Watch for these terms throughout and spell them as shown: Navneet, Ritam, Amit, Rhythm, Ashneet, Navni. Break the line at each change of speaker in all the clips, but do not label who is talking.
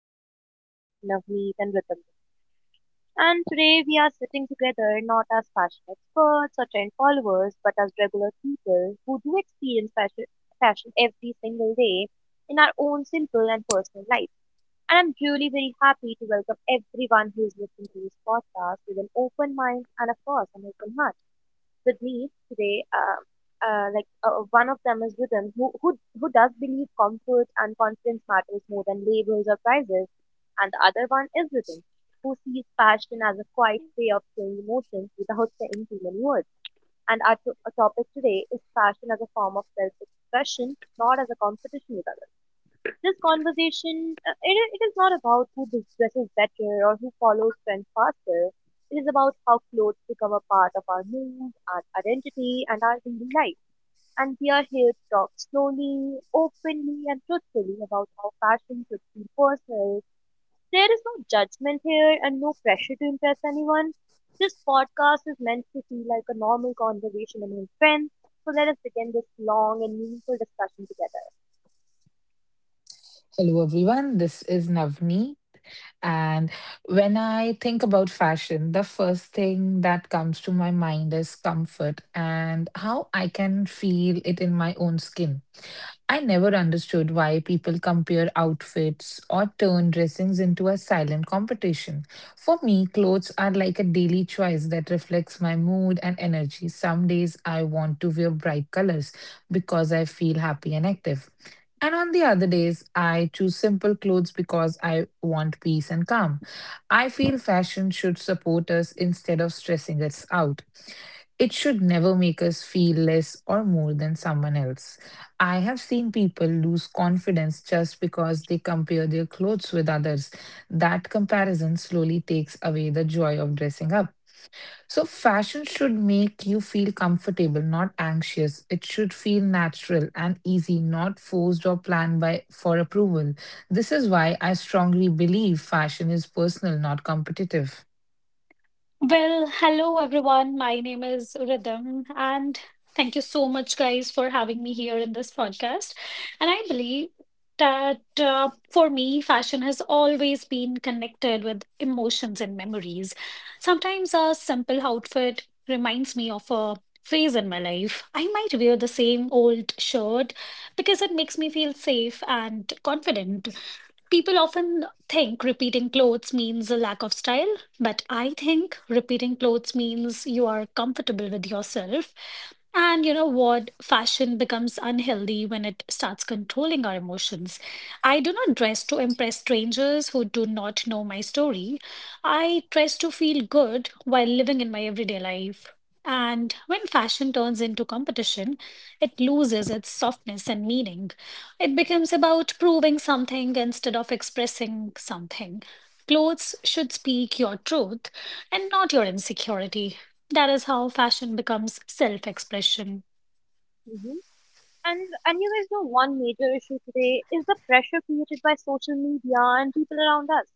today I have Navneet and Ritam. And today we are sitting together not as fashion experts or trend followers, but as regular people who do experience fashion every single day in our own simple and personal lives. And I'm really very happy to welcome everyone who is listening to this podcast with an open mind and, of course, an open heart with me today. One of them is Rhythm, who does believe comfort and confidence matters more than labels or prizes, and the other one is Rhythm, who sees passion as a quiet way of showing emotions without saying too many words. And our topic today is passion as a form of self-expression, not as a competition with others. This conversation, it is not about who dresses better or who follows trends faster. It is about how clothes become a part of our mood, our identity, and our daily life. And we are here to talk slowly, openly, and truthfully about how fashion should be personal. There is no judgment here and no pressure to impress anyone. This podcast is meant to feel like a normal conversation among friends. So let us begin this long and meaningful discussion together.
Hello, everyone. This is Navni. And when I think about fashion, the first thing that comes to my mind is comfort and how I can feel it in my own skin. I never understood why people compare outfits or turn dressings into a silent competition. For me, clothes are like a daily choice that reflects my mood and energy. Some days I want to wear bright colors because I feel happy and active. And on the other days, I choose simple clothes because I want peace and calm. I feel fashion should support us instead of stressing us out. It should never make us feel less or more than someone else. I have seen people lose confidence just because they compare their clothes with others. That comparison slowly takes away the joy of dressing up. So, fashion should make you feel comfortable, not anxious. It should feel natural and easy, not forced or planned by for approval. This is why I strongly believe fashion is personal, not competitive.
Well, hello everyone. My name is Rhythm, and thank you so much, guys, for having me here in this podcast. And I believe that for me, fashion has always been connected with emotions and memories. Sometimes a simple outfit reminds me of a phase in my life. I might wear the same old shirt because it makes me feel safe and confident. People often think repeating clothes means a lack of style, but I think repeating clothes means you are comfortable with yourself. And you know what? Fashion becomes unhealthy when it starts controlling our emotions. I do not dress to impress strangers who do not know my story. I dress to feel good while living in my everyday life. And when fashion turns into competition, it loses its softness and meaning. It becomes about proving something instead of expressing something. Clothes should speak your truth and not your insecurity. That is how fashion becomes self expression.
Mm-hmm. And and you guys know one major issue today is the pressure created by social media and people around us.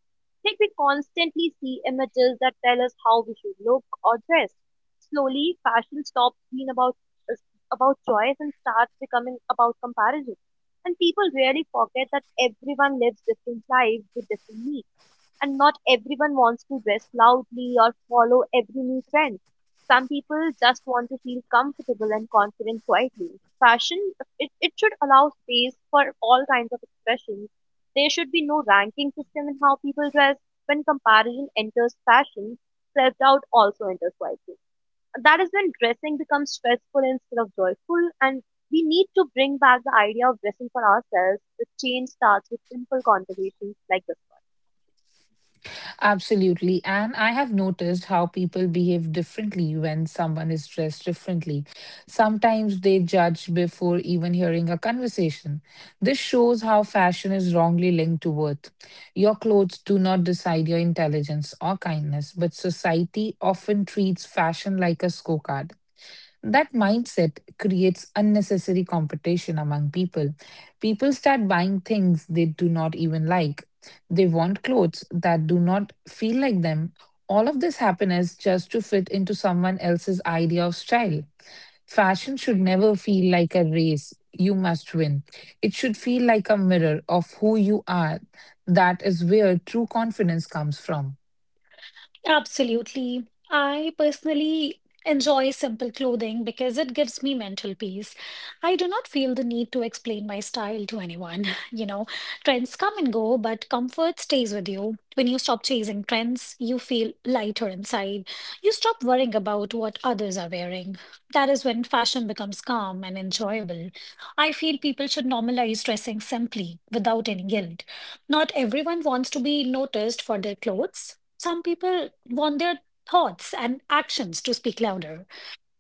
Like we constantly see images that tell us how we should look or dress. Slowly, fashion stops being is about choice and starts becoming about comparison. And people really forget that everyone lives different lives with different needs, and not everyone wants to dress loudly or follow every new trend. Some people just want to feel comfortable and confident quietly. Fashion, it should allow space for all kinds of expressions. There should be no ranking system in how people dress. When comparison enters fashion, self doubt also enters quietly. That is when dressing becomes stressful instead of joyful, and we need to bring back the idea of dressing for ourselves. The change starts with simple conversations like this
Absolutely. And I have noticed how people behave differently when someone is dressed differently. Sometimes they judge before even hearing a conversation. This shows how fashion is wrongly linked to worth. Your clothes do not decide your intelligence or kindness, but society often treats fashion like a scorecard. That mindset creates unnecessary competition among people. People start buying things they do not even like. They want clothes that do not feel like them. All of this happiness just to fit into someone else's idea of style. Fashion should never feel like a race. You must win. It should feel like a mirror of who you are. That is where true confidence comes from.
Absolutely. I personally enjoy simple clothing because it gives me mental peace. I do not feel the need to explain my style to anyone. You know, trends come and go, but comfort stays with you. When you stop chasing trends, you feel lighter inside. You stop worrying about what others are wearing. That is when fashion becomes calm and enjoyable. I feel people should normalize dressing simply without any guilt. Not everyone wants to be noticed for their clothes. Some people want their thoughts and actions to speak louder.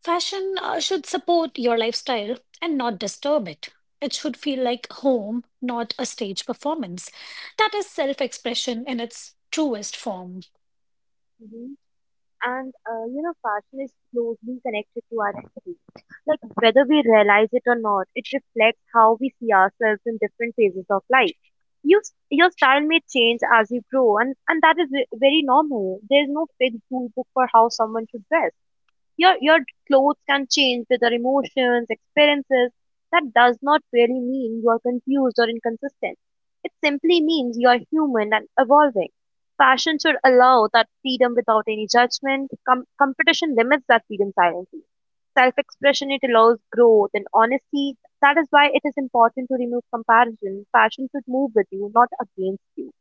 Fashion should support your lifestyle and not disturb it. It should feel like home, not a stage performance. That is self expression in its truest form.
one. And you know, fashion is closely connected to our identity, like whether we realize it or not, it reflects how we see ourselves in different phases of life. you, your style may change as you grow, and that is very normal. There is no fixed rule book for how someone should dress. Your clothes can change with your emotions, experiences. That does not really mean you are confused or inconsistent. It simply means you are human and evolving. Fashion should allow that freedom without any judgment. Competition limits that freedom silently. Self expression, it allows growth and honesty. That is why it is important to remove comparison. Fashion should move with you, not against you.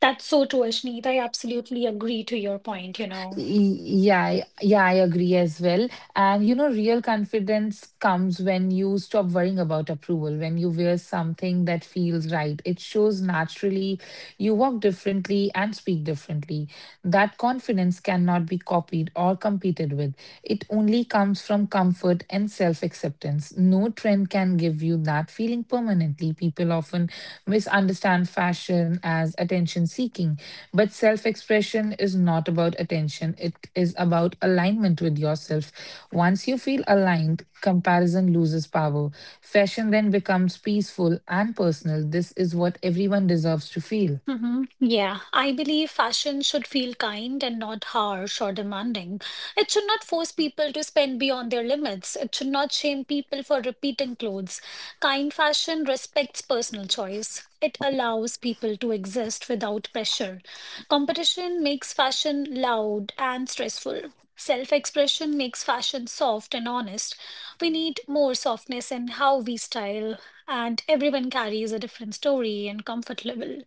That's so true, Ashneet. I absolutely agree to your point, you know.
Yeah, I agree as well. And you know, real confidence comes when you stop worrying about approval, when you wear something that feels right. It shows naturally, you walk differently and speak differently. That confidence cannot be copied or competed with. It only comes from comfort and self acceptance. No trend can give you that feeling permanently. People often misunderstand fashion as attention seeking, but self expression is not about attention, it is about alignment with yourself. Once you feel aligned, comparison loses power. Fashion then becomes peaceful and personal. This is what everyone deserves to feel.
Yeah, I believe fashion should feel kind and not harsh or demanding. It should not force people to spend beyond their limits. It should not shame people for repeating clothes. Kind fashion respects personal choice. It allows people to exist without pressure. Competition makes fashion loud and stressful. Self-expression makes fashion soft and honest. We need more softness in how we style, and everyone carries a different story and comfort level.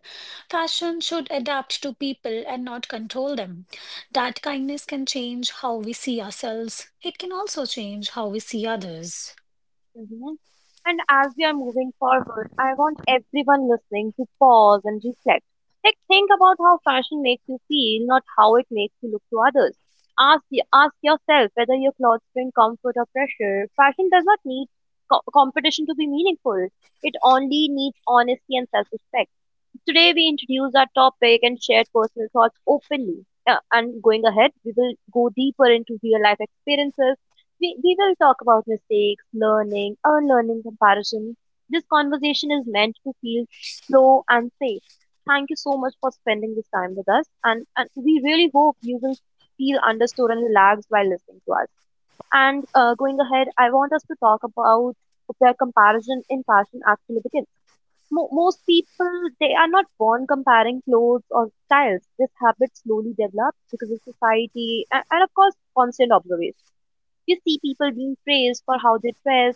Fashion should adapt to people and not control them. That kindness can change how we see ourselves. It can also change how we see others.
Mhm. And as we are moving forward, I want everyone listening to pause and reflect. Like, think about how fashion makes you feel, not how it makes you look to others. Ask yourself whether your clothes bring comfort or pressure. Fashion does not need competition to be meaningful. It only needs honesty and self-respect. Today, we introduce our topic and share personal thoughts openly. And going ahead, we will go deeper into real life experiences. We will talk about mistakes, learning, unlearning, comparison. This conversation is meant to feel slow and safe. Thank you so much for spending this time with us, and we really hope you will feel understood and relaxed while listening to us. And going ahead, I want us to talk about where comparison in fashion actually begins. Most people, they are not born comparing clothes or styles. This habit slowly develops because of society and, of course, constant observation. We see people being praised for how they dress.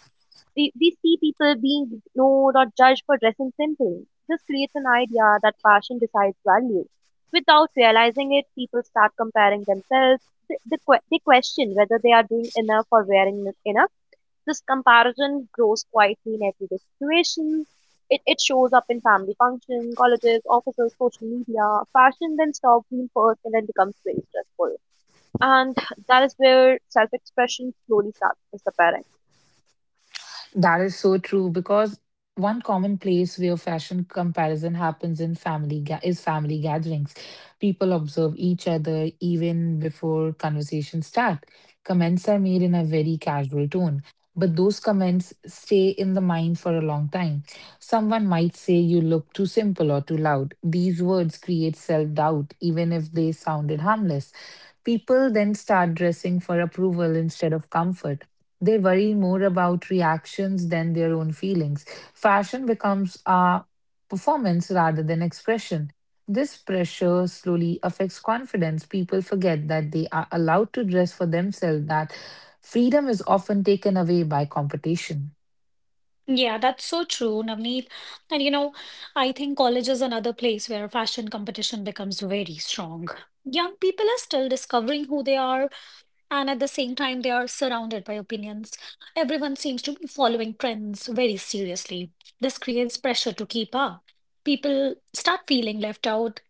We see people being ignored or judged for dressing simply. This creates an idea that fashion decides value. Without realizing it, people start comparing themselves. They question whether they are doing enough or wearing enough. This comparison grows quietly in everyday situations. It shows up in family functions, colleges, offices, social media. Fashion then stops being personal and then becomes very stressful. And that is where self expression slowly starts disappearing.
That is so true because one common place where fashion comparison happens in is family gatherings. People observe each other even before conversations start. Comments are made in a very casual tone, but those comments stay in the mind for a long time. Someone might say you look too simple or too loud. These words create self-doubt even if they sounded harmless. People then start dressing for approval instead of comfort. They worry more about reactions than their own feelings. Fashion becomes a performance rather than expression. This pressure slowly affects confidence. People forget that they are allowed to dress for themselves, that freedom is often taken away by competition.
Yeah, that's so true, Navneet. And you know, I think college is another place where fashion competition becomes very strong. Young people are still discovering who they are, and at the same time, they are surrounded by opinions. Everyone seems to be following trends very seriously. This creates pressure to keep up. People start feeling left out.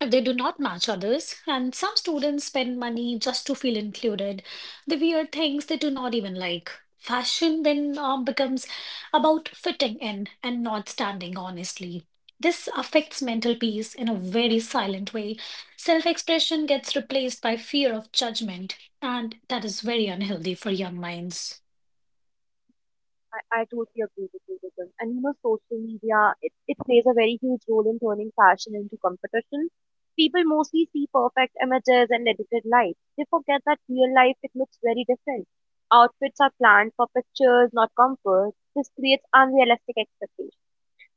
They do not match others, and some students spend money just to feel included. They wear things they do not even like. Fashion then becomes about fitting in and not standing honestly. This affects mental peace in a very silent way. Self expression gets replaced by fear of judgment, and that is very unhealthy for young minds.
I totally agree with you, Vikram. And you know, social media it plays a very huge role in turning fashion into competition. People mostly see perfect images and edited life. They forget that real life, it looks very different. Outfits are planned for pictures, not comfort. This creates unrealistic expectations.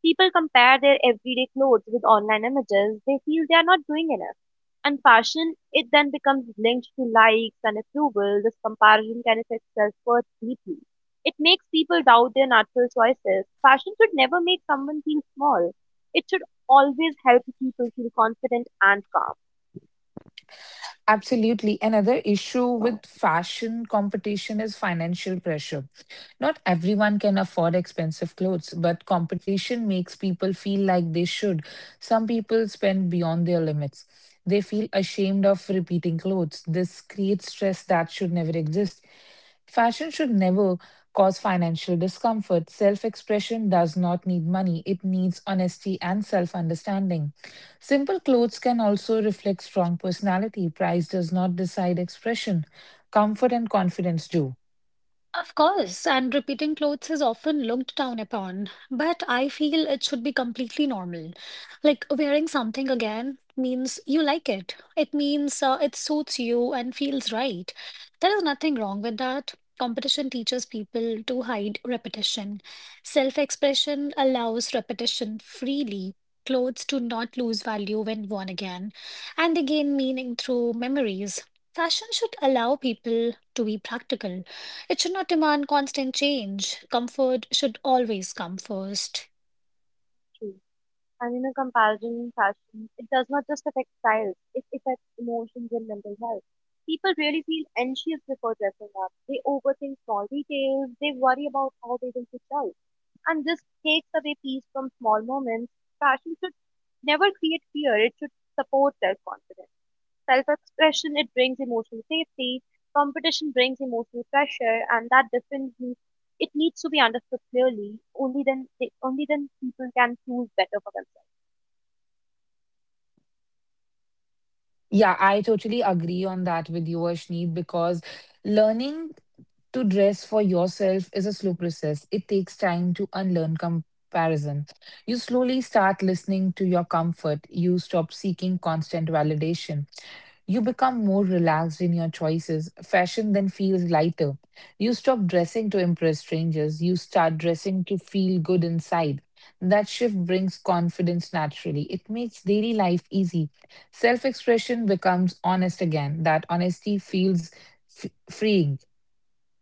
People compare their everyday clothes with online images. They feel they are not doing enough. And fashion, it then becomes linked to likes and approval. This comparison can affect self-worth deeply. It makes people doubt their natural choices. Fashion should never make someone feel small. It should always help people feel confident and
Absolutely. Another issue
calm.
with fashion competition is financial pressure. Not everyone can afford expensive clothes, but competition makes people feel like they should. Some people spend beyond their limits. They feel ashamed of repeating clothes. This creates stress that should never exist. Fashion should never cause financial discomfort. Self expression does not need money, it needs honesty and self understanding. Simple clothes can also reflect strong personality. Price does not decide expression. Comfort and confidence do.
Of course, and repeating clothes is often looked down upon, but I feel it should be completely normal. Like wearing something again means you like it. It means it suits you and feels right. There is nothing wrong with that. Competition teaches people to hide repetition. Self-expression allows repetition freely. Clothes do not lose value when worn again, and they gain meaning through memories. Fashion should allow people to be practical, it should not demand constant change. Comfort should always come first.
True. And you know, comparison in fashion, it does not just affect styles, it affects emotions and mental health. People really feel anxious before dressing up. They overthink small details. They worry about how they will look out. And this takes away peace from small moments. Fashion should never create fear. It should support self-confidence. Self-expression, it brings emotional safety. Competition brings emotional pressure. And that difference needs to be understood clearly. Only then people can choose better for themselves.
Yeah, I totally agree on that with you, Ashneet, because learning to dress for yourself is a slow process. It takes time to unlearn comparison. You slowly start listening to your comfort. You stop seeking constant validation. You become more relaxed in your choices. Fashion then feels lighter. You stop dressing to impress strangers. You start dressing to feel good inside. That shift brings confidence naturally. It makes daily life easy. Self expression becomes honest again. That honesty feels freeing.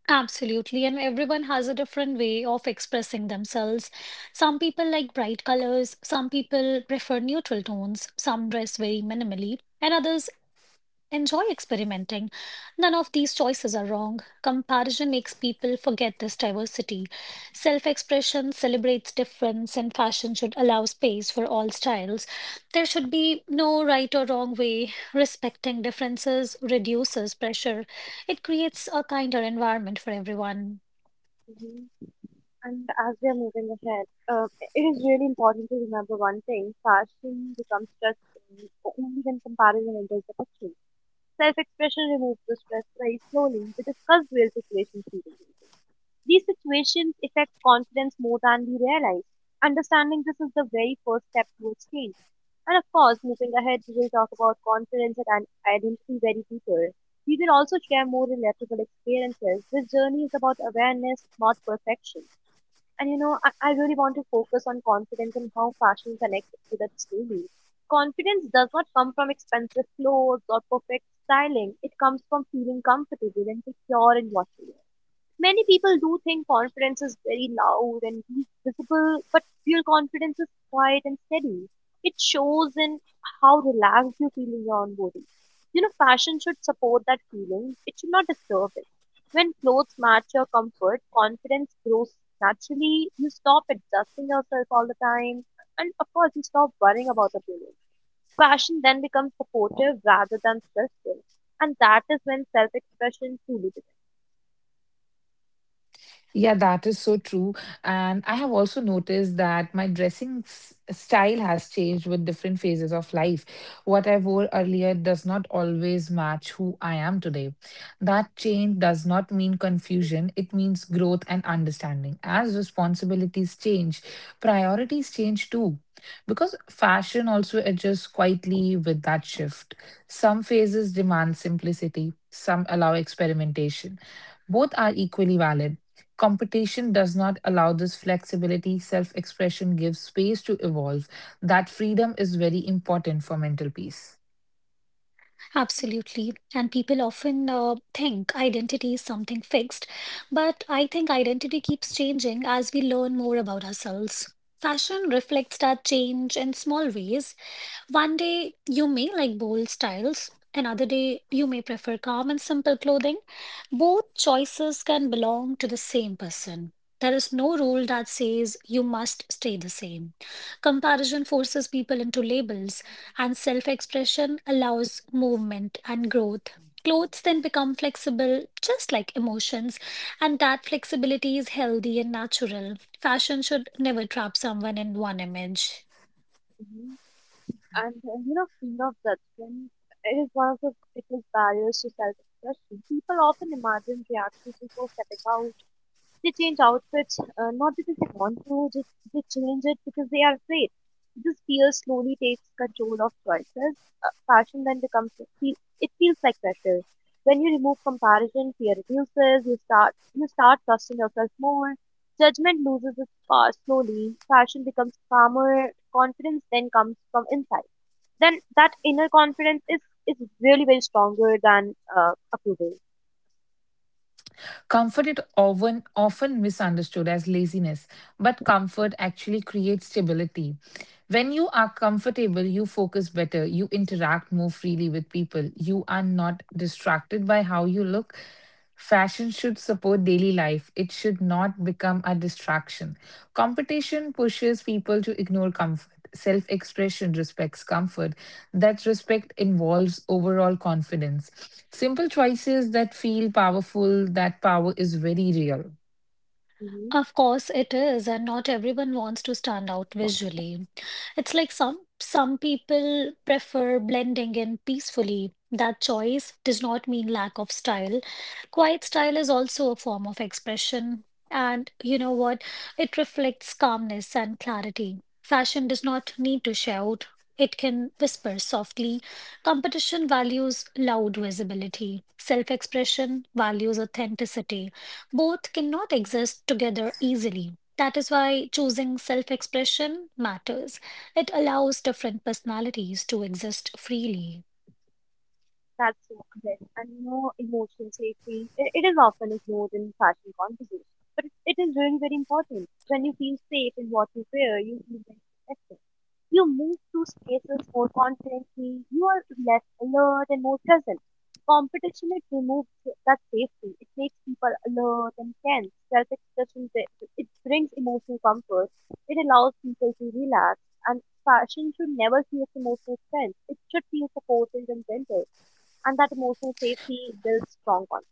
Absolutely, and everyone has a different way of expressing themselves. Some people like bright colors, some people prefer neutral tones, some dress very minimally, and others enjoy experimenting. None of these choices are wrong. Comparison makes people forget this diversity. Self expression celebrates difference, and fashion should allow space for all styles. There should be no right or wrong way. Respecting differences reduces pressure, it creates a kinder environment for everyone.
Mhm. And as we are moving ahead, it is really important to remember one thing: fashion becomes stressful only when comparison enters the picture. Self expression removes the stress very slowly. We discussed real situations previously. These situations affect confidence more than we realize. Understanding this is the very first step towards change. And of course, moving ahead, we will talk about confidence and identity very deeper. We will also share more relatable experiences. This journey is about awareness, not perfection. And you know, I really want to focus on confidence and how fashion connects to that daily. Confidence does not come from expensive clothes or perfect styling. It comes from feeling comfortable and secure in what you wear. Many people do think confidence is very loud and visible, but real confidence is quiet and steady. It shows in how relaxed you feel in your own body. You know, fashion should support that feeling, it should not disturb it. When clothes match your comfort, confidence grows naturally. You stop adjusting yourself all the time, and of course, you stop worrying about appearance. Fashion then becomes supportive rather than stressful, and that is when self expression truly begins.
Yeah, that is so true. And I have also noticed that my style has changed with different phases of life. What I wore earlier does not always match who I am today. That change does not mean confusion, it means growth and understanding. As responsibilities change, priorities change too. Because fashion also adjusts quietly with that shift. Some phases demand simplicity, some allow experimentation. Both are equally valid. Competition does not allow this flexibility, self expression gives space to evolve. That freedom is very important for mental peace.
Absolutely. And people often think identity is something fixed, but I think identity keeps changing as we learn more about ourselves. Fashion reflects that change in small ways. One day you may like bold styles, another day you may prefer calm and simple clothing. Both choices can belong to the same person. There is no rule that says you must stay the same. Comparison forces people into labels, and self expression allows movement and growth. Clothes then become flexible, just like emotions, and that flexibility is healthy and natural. Fashion should never trap someone in one image.
Mm-hmm. And you know, fear of judgment is one of the biggest barriers to self-expression. People often imagine reactions before stepping out. They change outfits not because they want to, just they change it because they are afraid. This fear slowly takes control of choices. Fashion then becomes feel- it feels like pressure. When you remove comparison, fear reduces. You start trusting yourself more. Judgment loses its power slowly. Fashion becomes calmer. Confidence then comes from inside. Then that inner confidence is really very stronger than approval.
Comfort is often misunderstood as laziness, but comfort actually creates stability. When you are comfortable, you focus better, you interact more freely with people, you are not distracted by how you look. Fashion should support daily life, it should not become a distraction. Competition pushes people to ignore comfort self expression, respects comfort. That respect involves overall confidence. Simple choices that feel powerful, that power is very real.
Mm-hmm.
Of course it is, and not everyone wants to stand out visually. It's like some people prefer blending in peacefully. That choice does not mean lack of style. Quiet style is also a form of expression, and you know what? It reflects calmness and clarity. Fashion does not need to shout. It can whisper softly. Competition values loud visibility. Self-expression values authenticity. Both cannot exist together easily. That is why choosing self expression matters. It allows different personalities to exist freely.
That's so correct. And you know, emotional safety, I- it is often ignored in fashion conversations, but it is really very important. When you feel safe in what you wear, you feel very protected. You move through spaces more confidently, you are less alert and more present. Competition, it removes that safety. It makes people alert and tense. Self-expression, it brings emotional comfort. It allows people to relax. And fashion should never feel its emotional strength. It should feel supportive and gentle, and that emotional safety builds strong confidence.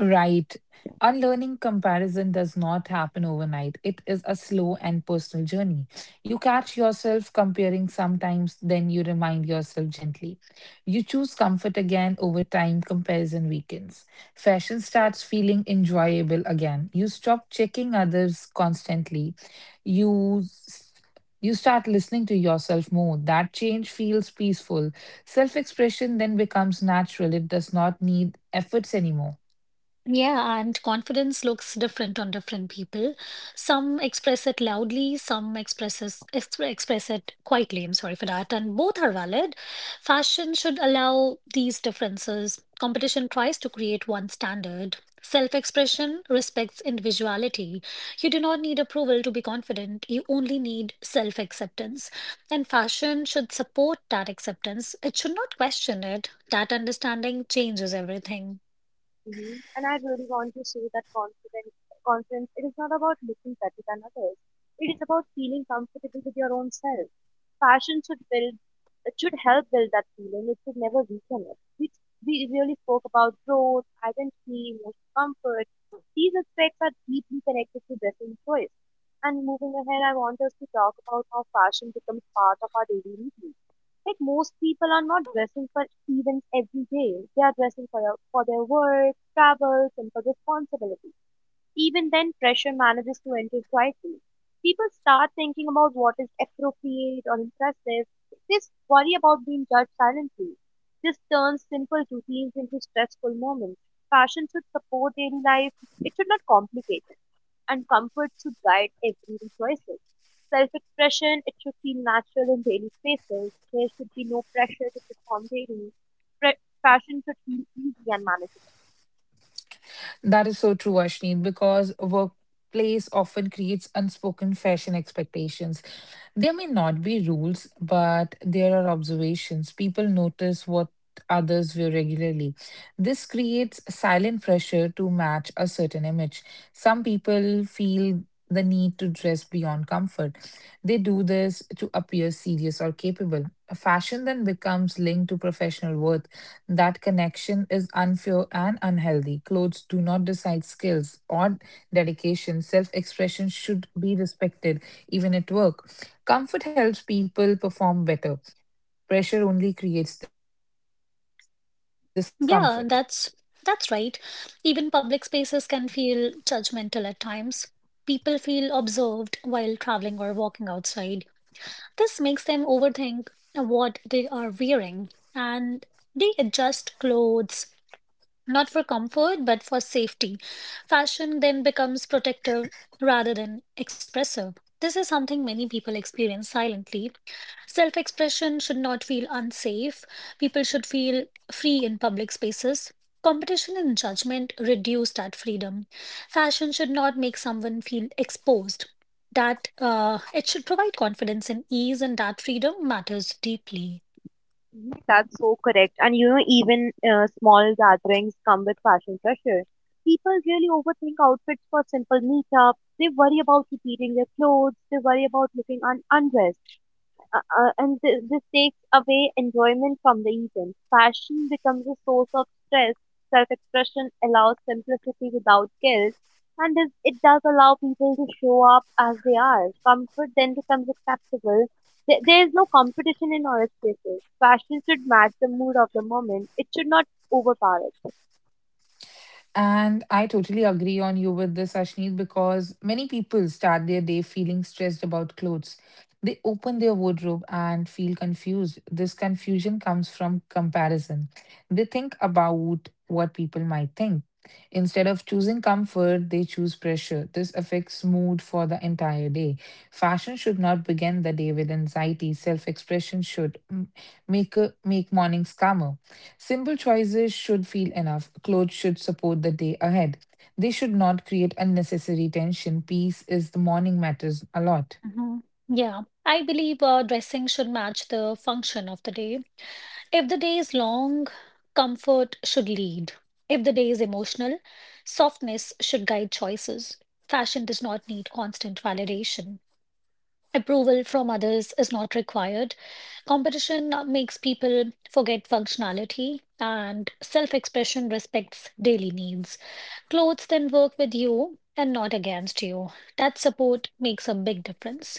Right. Unlearning comparison does not happen overnight. It is a slow and personal journey. You catch yourself comparing sometimes, then you remind yourself gently. You choose comfort again over time, comparison weakens. Fashion starts feeling enjoyable again. You stop checking others constantly. You s- you start listening to yourself more. That change feels peaceful. Self expression then becomes natural. It does not need efforts anymore.
Yeah, and confidence looks different on different people. Some express it loudly, some express it quietly. I'm sorry for that. And both are valid. Fashion should allow these differences. Competition tries to create one standard. Self-expression respects individuality. You do not need approval to be confident. You only need self-acceptance. And fashion should support that acceptance. It should not question it. That understanding changes everything.
Hmm. And I really want to say that confidence, confidence, it is not about looking better than others. It is about feeling comfortable with your own self. Fashion should help build that feeling. It should never weaken it. We really spoke about growth, identity, emotional comfort. These aspects are deeply connected to dressing choice. And moving ahead, I want us to talk about how fashion becomes part of our daily routine. Like, most people are not dressing for events every day. They are dressing for, their work, travels, and for responsibility. Even then, pressure manages to enter quietly. People start thinking about what is appropriate or impressive. Worry about being judged silently. This turns simple routines into stressful moments. Fashion should support daily life. It should not complicate it, and comfort should guide everyday choices. Self expression, it should feel natural in daily spaces. There should be no pressure to perform daily. Pre- Fashion should feel easy and manageable.
That is so true, Ashneet, because a workplace often creates unspoken fashion expectations. There may not be rules, but there are observations. People notice what others wear regularly. This creates silent pressure to match a certain image. Some people feel the need to dress beyond comfort. They do this to appear serious or capable. Fashion then becomes linked to professional worth. That connection is unfair and unhealthy. Clothes do not decide skills or dedication. Self expression should be respected, even at work. Comfort helps people perform better. Pressure only creates discomfort.
Yeah, that's right. Even public spaces can feel judgmental at times. People feel observed while traveling or walking outside. This makes them overthink what they are wearing, and they adjust clothes not for comfort, but for safety. Fashion then becomes protective rather than expressive. This is something many people experience silently. Self expression should not feel unsafe. People should feel free in public spaces. Competition and judgment reduce that freedom. Fashion should not make someone feel exposed. That it should provide confidence and ease, and that freedom matters deeply.
Mhm. That's so correct. And you know, even small gatherings come with fashion pressure. People really overthink outfits for simple meetups. They worry about repeating their clothes. They worry about looking undressed and this takes away enjoyment from the event. Fashion becomes a source of stress. Self-expression allows simplicity without guilt, and it does allow people to show up as they are. Comfort then becomes acceptable. There is no competition in all spaces. Fashion should match the mood of the moment. It should not overpower it.
And I totally agree on you with this, Ashneet, because many people start their day feeling stressed about clothes. They open their wardrobe and feel confused. This confusion comes from comparison. They think about what people might think. Instead of choosing comfort, they choose pressure. This affects mood for the entire day. Fashion should not begin the day with anxiety. Self-expression should make mornings calmer. Simple choices should feel enough. Clothes should support the day ahead. They should not create unnecessary tension. Peace is the morning matters a lot.
Mhm. Yeah, I believe dressing should match the function of the day. If the day is long, comfort should lead. If the day is emotional, softness should guide choices. Fashion does not need constant validation. Approval from others is not required. Competition makes people forget functionality, and self expression respects daily needs. Clothes then work with you and not against you. That support makes a big difference.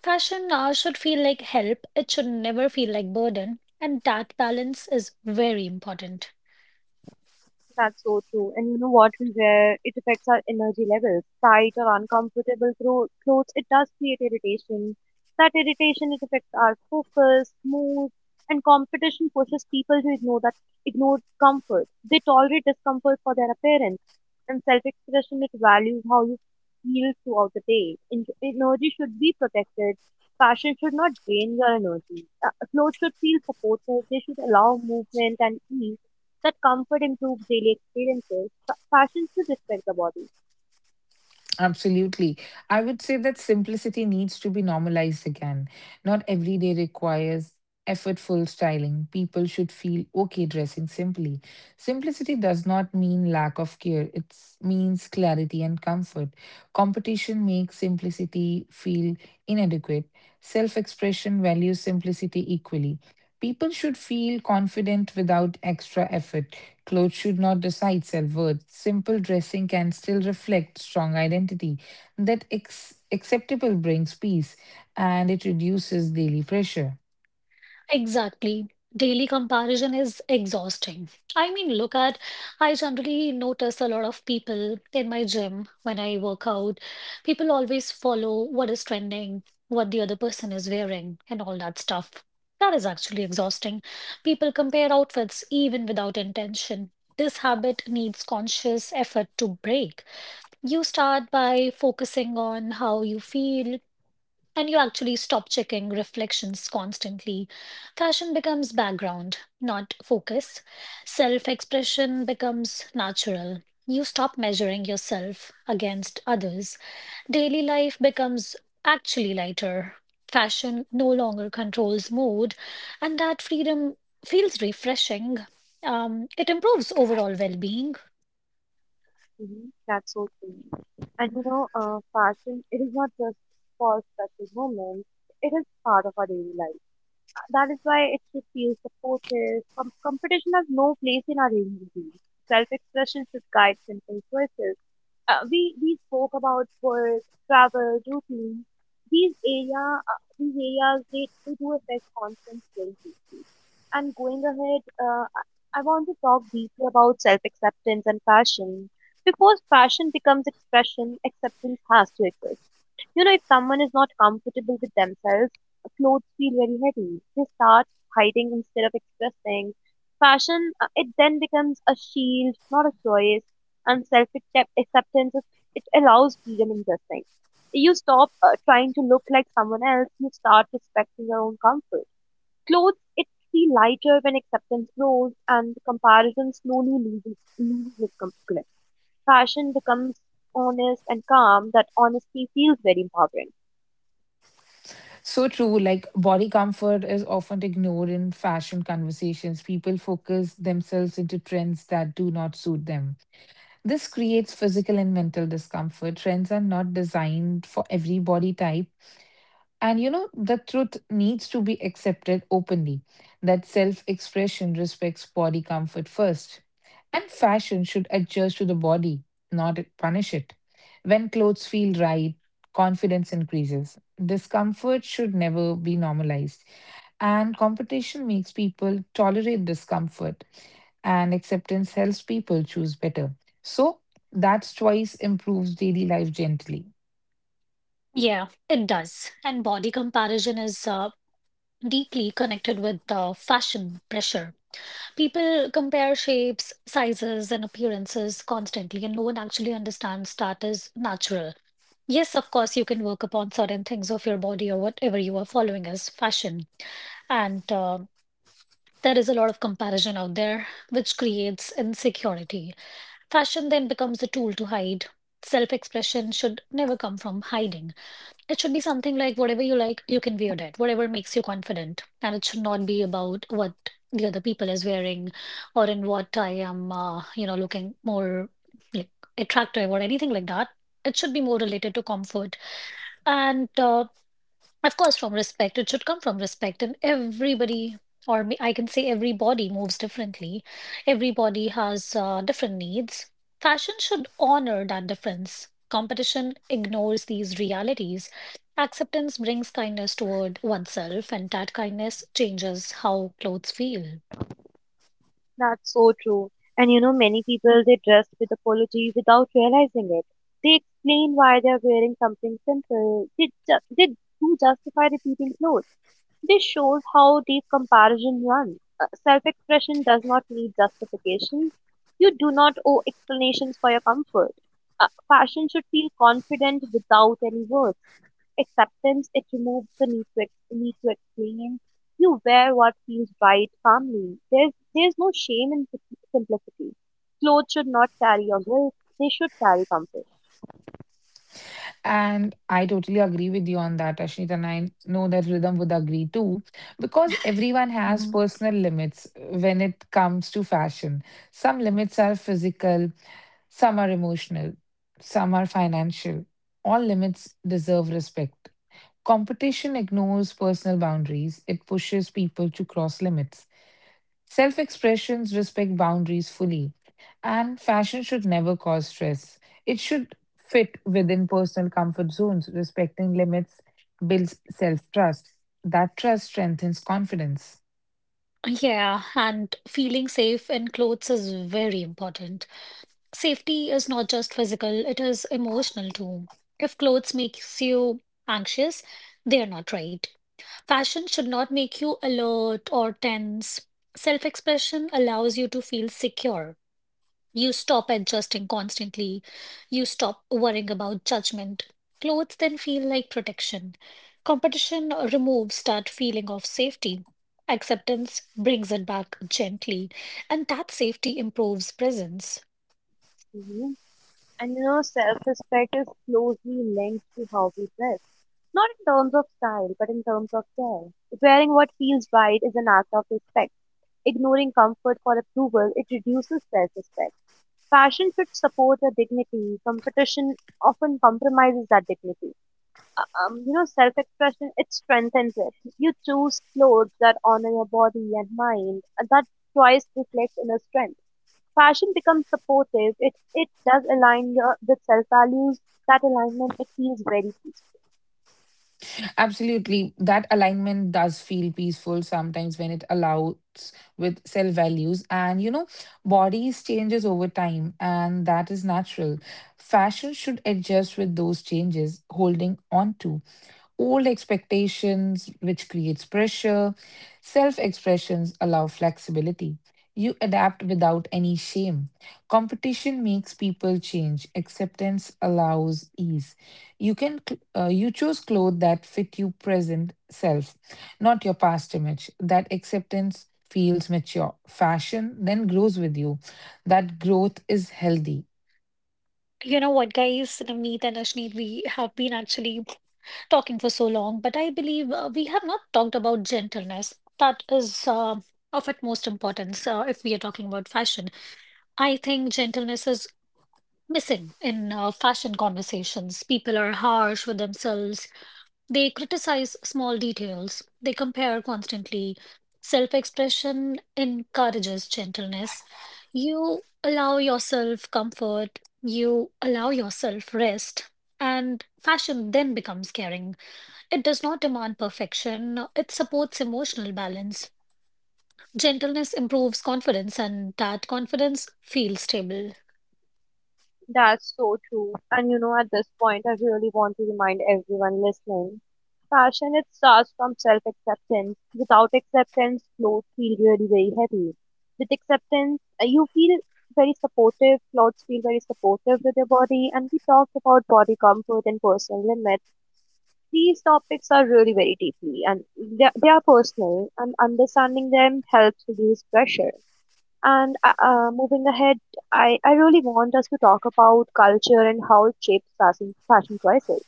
Fashion should feel like help, it should never feel like burden, and that balance is very important.
That's so true. And you know what we wear, it affects our energy levels. Tight or uncomfortable clothes, it does create irritation. That irritation, it affects our focus, mood, and competition pushes people to ignore that, ignore comfort. They tolerate discomfort for their appearance. And self-expression, it values how you feel throughout the day. Energy should be protected. Fashion should not drain your energy. Clothes should feel supportive. They should allow movement and ease, that comfort improves daily experiences. Fashion should respect the body.
Absolutely. I would say that simplicity needs to be normalized again. Not every day requires effortful styling. People should feel okay dressing simply. Simplicity does not mean lack of care, it means clarity and comfort. Competition makes simplicity feel inadequate. Self expression values simplicity equally. People should feel confident without extra effort. Clothes should not decide self worth. Simple dressing can still reflect strong identity. That acceptable brings peace and it reduces daily pressure.
Exactly. Daily comparison is exhausting. I mean, look at, I generally notice a lot of people in my gym when I work out. People always follow what is trending, what the other person is wearing, and all that stuff. That is actually exhausting. People compare outfits even without intention. This habit needs conscious effort to break. You start by focusing on how you feel, and you actually stop checking reflections constantly. Fashion becomes background, not focus. Self expression becomes natural. You stop measuring yourself against others. Daily life becomes actually lighter. Fashion no longer controls mood, and that freedom feels refreshing. It improves overall well being.
That's so true. And you know, fashion, it is not just for special moments, it is part of our daily life. That is why it should feel supportive. Competition has no place in our daily routine. Self-expression should guide simple choices. We spoke about work, travel, routine. These areas they do affect confidence very deeply. And going ahead, I want to talk deeply about self-acceptance and passion. Because passion becomes expression, acceptance has to exist. You know, if someone is not comfortable with themselves, clothes feel very heavy. They start hiding instead of expressing. Fashion, it then becomes a shield, not a choice. And self acceptance, it allows freedom in dressing. You stop trying to look like someone else, you start respecting your own comfort. Clothes, it feel lighter when acceptance grows and comparison slowly loses its grip. Fashion becomes honest and calm, that honesty feels very empowering.
So true, like body comfort is often ignored in fashion conversations. People focus themselves into trends that do not suit them. This creates physical and mental discomfort. Trends are not designed for every body type, and you know, the truth needs to be accepted openly that self expression respects body comfort first. And fashion should adjust to the body, not punish it. When clothes feel right, confidence increases. Discomfort should never be normalized. And competition makes people tolerate discomfort, and acceptance helps people choose better. So, that choice improves daily life gently.
Yeah, it does. And body comparison is deeply connected with fashion pressure. People compare shapes, sizes, and appearances constantly, and no one actually understands that is natural. Yes, of course, you can work upon certain things of your body or whatever you are following as fashion. And there is a lot of comparison out there, which creates insecurity. Fashion then becomes a tool to hide. Self expression should never come from hiding. It should be something like whatever you like, you can wear that, whatever makes you confident. And it should not be about what the other people is wearing or in what I am, looking more like attractive or anything like that. It should be more related to comfort. And of course, from respect. It should come from respect. And everybody, or I can say every body moves differently. Everybody has different needs. Fashion should honor that difference. Competition ignores these realities. Acceptance brings kindness toward oneself, and that kindness changes how clothes feel.
That's so true. And you know, many people they dress with apology without realizing it. They explain why they're wearing something simple. They do justify repeating clothes. This shows how deep comparison runs. Self-expression does not need justification. You do not owe explanations for your comfort. Fashion should feel confident without any words. Acceptance, it removes the need need to explain. You wear what feels right calmly. There's no shame in simplicity. Clothes should not carry your guilt, they should carry comfort.
And I totally agree with you on that, Ashneet, and I know that Rhythm would agree too, because everyone has
Mhm.
personal limits when it comes to fashion. Some limits are physical, some are emotional, some are financial. All limits deserve respect. Competition ignores personal boundaries, it pushes people to cross limits. Self expressions respect boundaries fully, and fashion should never cause stress. It should fit within personal comfort zones. Respecting limits builds self trust. That trust strengthens confidence.
Yeah, and feeling safe in clothes is very important. Safety is not just physical, it is emotional too. If clothes makes you anxious, they are not right. Fashion should not make you alert or tense. Self-expression allows you to feel secure. You stop adjusting constantly. You stop worrying about judgment. Clothes then feel like protection. Competition removes that feeling of safety. Acceptance brings it back gently, and that safety improves presence.
hmm And you know, self respect is closely linked to how we dress. Not in terms of style, but in terms of care. Wearing what feels right is an act of respect. Ignoring comfort for approval, it reduces self respect. Fashion should support our dignity, competition often compromises that dignity. You know, self-expression, it strengthens it. You choose clothes that honor your body and mind. And That choice reflects inner strength. Fashion becomes supportive. It does align your with self values. That alignment it feels very peaceful.
Absolutely. That alignment does feel peaceful sometimes when it allows with self values. And you know, bodies changes over time, and that is natural. Fashion should adjust with those changes, holding on to old expectations, which creates pressure. Self expressions allow flexibility. You adapt without any shame. Competition makes people change. Acceptance allows ease. You choose clothes that fit your present self, not your past image. That acceptance feels mature. Fashion then grows with you. That growth is healthy.
You know what, guys, Navneet and Ashneet, we have been actually talking for so long, but I believe we have not talked about gentleness. That is of utmost importance if we are talking about fashion. I think gentleness is missing in fashion conversations. People are harsh with themselves, they criticize small details, they compare constantly. Self expression encourages gentleness. You allow yourself comfort, you allow yourself rest, and fashion then becomes caring. It does not demand perfection, it supports emotional balance. Gentleness improves confidence, and that confidence feels stable.
That's so true. And you know, at this point, I really want to remind everyone listening, passion, it starts from self acceptance. Without acceptance, clothes feel really very heavy. With acceptance, you feel very supportive, clothes feel very supportive with your body. And we talked about body comfort and personal limits. These topics are really very deeply and they are personal, and understanding them helps reduce pressure. And moving ahead, I really want us to talk about culture and how it shapes fashion choices.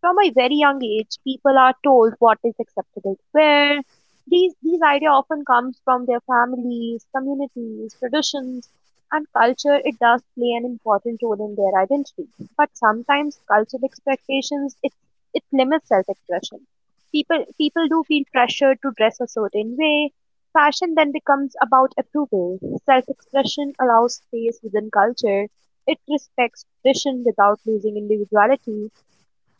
From a very young age, people are told what is acceptable to wear. These idea often comes from their families, communities, traditions, and culture. It does play an important role in their identity, but sometimes cultural expectations it limits self-expression. People do feel pressured to dress a certain way. Fashion then becomes about approval. Self-expression allows space within culture. It respects tradition without losing individuality,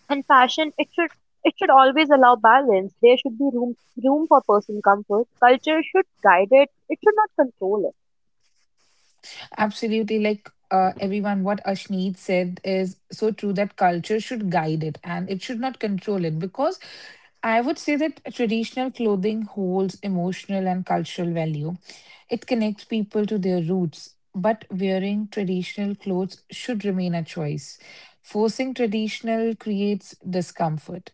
and fashion, it should always allow balance. There should be room for personal comfort. Culture should guide it. It should not control it.
Absolutely. Like everyone, what Ashneet said is so true that culture should guide it and it should not control it because I would say that traditional clothing holds emotional and cultural value. It connects people to their roots, but wearing traditional clothes should remain a choice. Forcing traditional creates discomfort.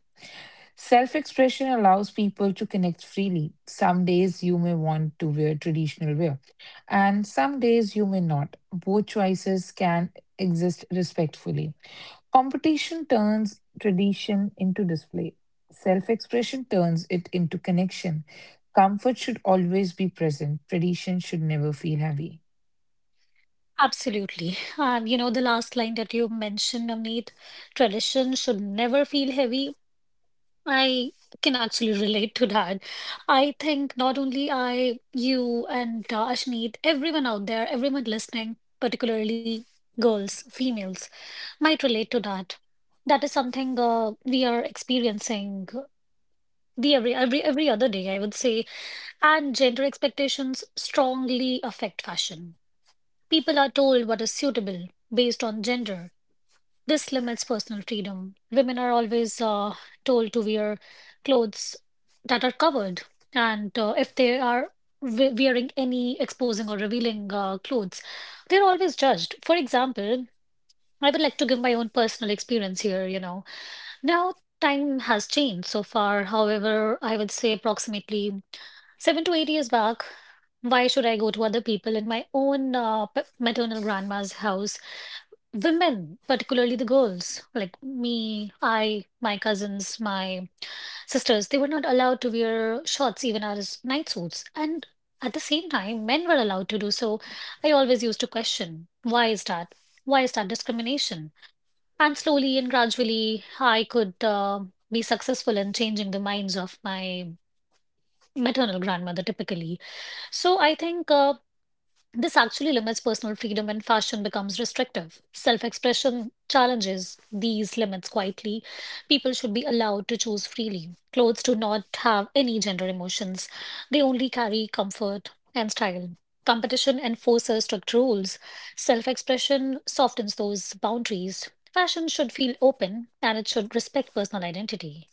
Self expression allows people to connect freely. Some days you may want to wear traditional wear, and some days you may not. Both choices can exist respectfully. Competition turns tradition into display, self expression turns it into connection. Comfort should always be present, tradition should never feel heavy.
Absolutely. You know, the last line that you mentioned, Amit, tradition should never feel heavy. I can actually relate to that. I think not only I, you, and Ashneet, everyone out there, everyone listening, particularly girls, females, might relate to that. That is something we are experiencing the every other day, I would say. And gender expectations strongly affect fashion. People are told what is suitable based on gender, this limits personal freedom. Women are always told to wear clothes that are covered, and if they are wearing any exposing or revealing clothes, they're always judged. For example, I would like to give my own personal experience here, you know. Now, time has changed so far. However, I would say approximately 7 to 8 years back, why should I go to other people in my own maternal grandma's house. Women, particularly the girls, like me, I, my cousins, my sisters, they were not allowed to wear shorts even as night suits. And at the same time, men were allowed to do so. I always used to question, why is that? Why is that discrimination? And slowly and gradually, I could be successful in changing the minds of my maternal grandmother typically. So I think this actually limits personal freedom and fashion becomes restrictive. Self expression challenges these limits quietly. People should be allowed to choose freely. Clothes do not have any gender emotions, they only carry comfort and style. Competition enforces strict rules. Self expression softens those boundaries. Fashion should feel open and it should respect personal identity.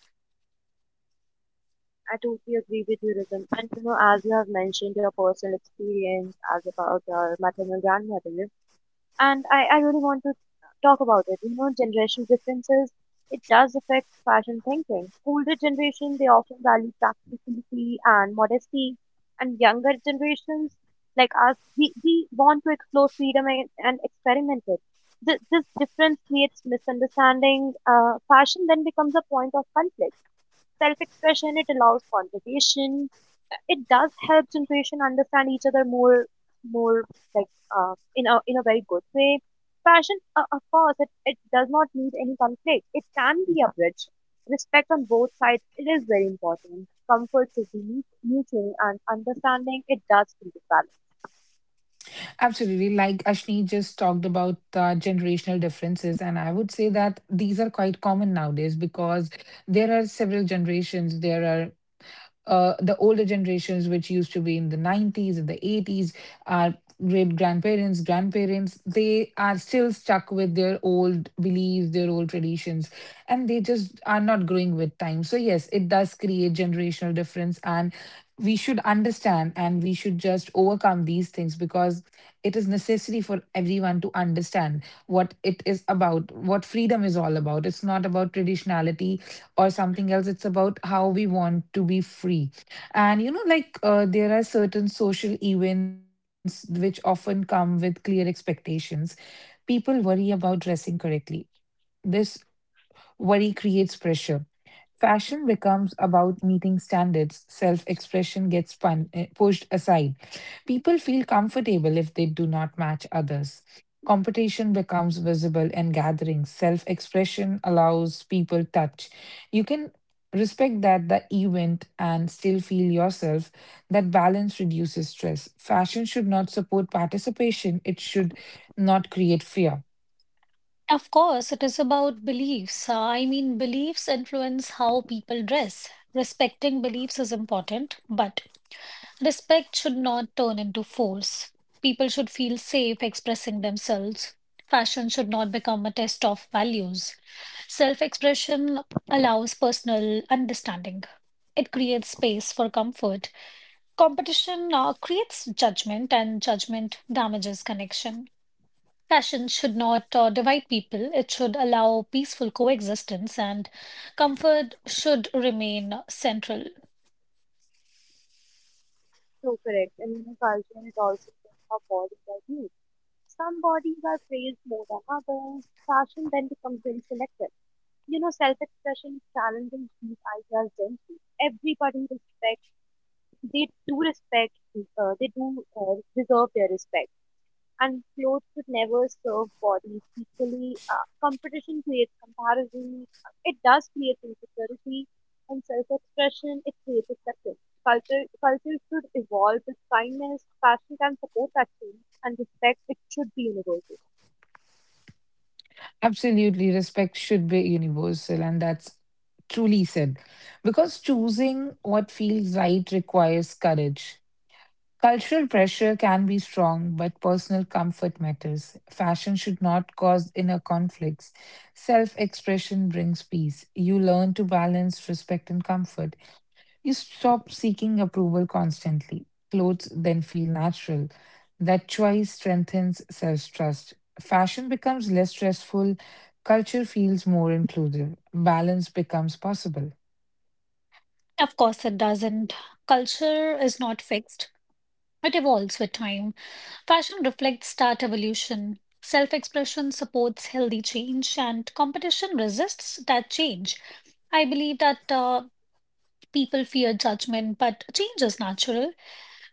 I totally agree with you, Rhythm. And you know, as you have mentioned your personal experience as about your maternal grandmother, and I really want to talk about it. You know, generation differences, it does affect fashion thinking. Older generation, they often value practicality and modesty, and younger generations like us, we want to explore freedom and experiment it. This difference creates misunderstanding. Fashion then becomes a point of conflict. Self-expression, it allows conversation. It does help generation understand each other more, like in a very good way. Passion, of course, it does not need any conflict. It can be a bridge. Respect on both sides, it is very important. Comfort should be mutual and understanding, it does create the balance.
Absolutely. Like Ashni just talked about generational differences, and I would say that these are quite common nowadays because there are several generations. There are the older generations, which used to be in the 90s and the 80s, our great grandparents, grandparents, they are still stuck with their old beliefs, their old traditions, and they just are not growing with time. So, yes, it does create generational difference, and we should understand and we should just overcome these things because it is necessary for everyone to understand what it is about, what freedom is all about. It's not about traditionality or something else, it's about how we want to be free. And you know, like there are certain social events which often come with clear expectations. People worry about dressing correctly. This worry creates pressure. Fashion becomes about meeting standards, self expression gets pushed aside. People feel comfortable if they do not match others. Competition becomes visible in gatherings. Self expression allows people touch. You can respect that the event and still feel yourself. That balance reduces stress. Fashion should not support participation, it should not create fear.
Of course, it is about beliefs. I mean, beliefs influence how people dress. Respecting beliefs is important, but respect should not turn into force. People should feel safe expressing themselves. Fashion should not become a test of values. Self expression allows personal understanding, it creates space for comfort. Competition creates judgment, and judgment damages connection. Fashion should not divide people, it should allow peaceful coexistence, and comfort should remain central.
So correct. And in a culture, it also depends how bodies are viewed. Some bodies are praised more than others. Fashion then becomes very selective. You know, self-expression is challenging these ideas gently. Everybody respects, they do respect, they do deserve their respect. And clothes should never serve bodies equally. Competition creates comparison. It does create insecurity and self-expression. It creates acceptance. Culture should evolve with kindness. Fashion can support that change and respect. It should be universal.
Absolutely, respect should be universal, and that's truly said. Because choosing what feels right requires courage. Cultural pressure can be strong, but personal comfort matters. Fashion should not cause inner conflicts. Self expression brings peace. You learn to balance respect and comfort. You stop seeking approval constantly. Clothes then feel natural. That choice strengthens self trust. Fashion becomes less stressful. Culture feels more inclusive. Balance becomes possible.
Of course, it doesn't. Culture is not fixed, it evolves with time. Fashion reflects that evolution. Self expression supports healthy change, and competition resists that change. I believe that. People fear judgment, but change is natural.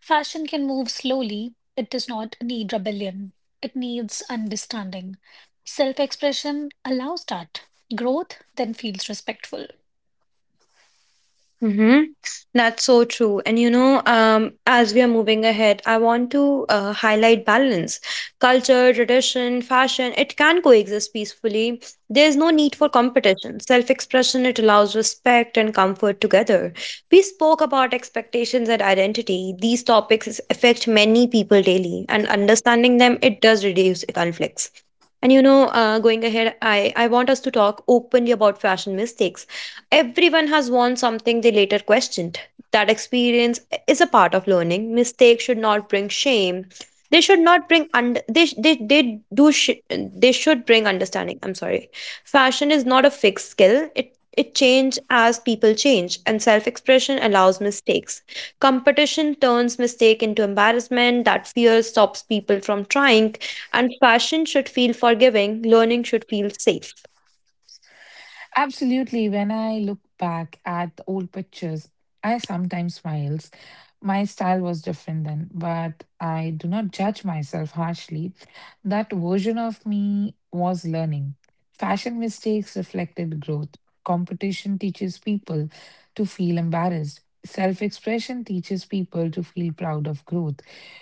Fashion can move slowly. It does not need rebellion. It needs understanding. Self expression allows that. Growth then feels respectful.
Mm-hmm. That's so true. And you know, as we are moving ahead, I want to highlight balance. Culture, tradition, fashion, it can coexist peacefully. There's no need for competition. Self expression, it allows respect and comfort together. We spoke about expectations and identity. These topics affect many people daily, and understanding them, it does reduce conflicts. And you know, going ahead, I want us to talk openly about fashion mistakes. Everyone has worn something they later questioned. That experience is a part of learning. Mistakes should not bring shame. They should not bring under. They sh- they do. Sh- they should bring understanding. I'm sorry. Fashion is not a fixed skill. It change as people change, and self expression allows mistakes. Competition turns mistake into embarrassment. That fear stops people from trying, and fashion should feel forgiving. Learning should feel safe.
Absolutely. When I look back at old pictures, I sometimes smile. My style was different then, but I do not judge myself harshly. That version of me was learning. Fashion mistakes reflected growth. Competition teaches people to feel embarrassed. Self expression teaches people to feel proud of growth.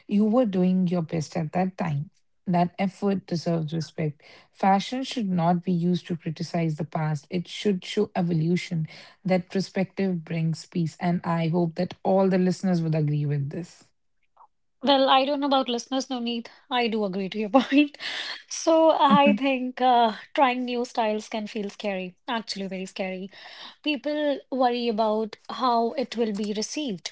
You were doing your best at that time. That effort deserves respect. Fashion should not be used to criticize the past, it should show evolution. That perspective brings peace, and I hope that all the listeners would agree with this.
Well, I don't know about listeners, no need. I do agree to your point. So I think trying new styles can feel scary, actually, very scary. People worry about how it will be received.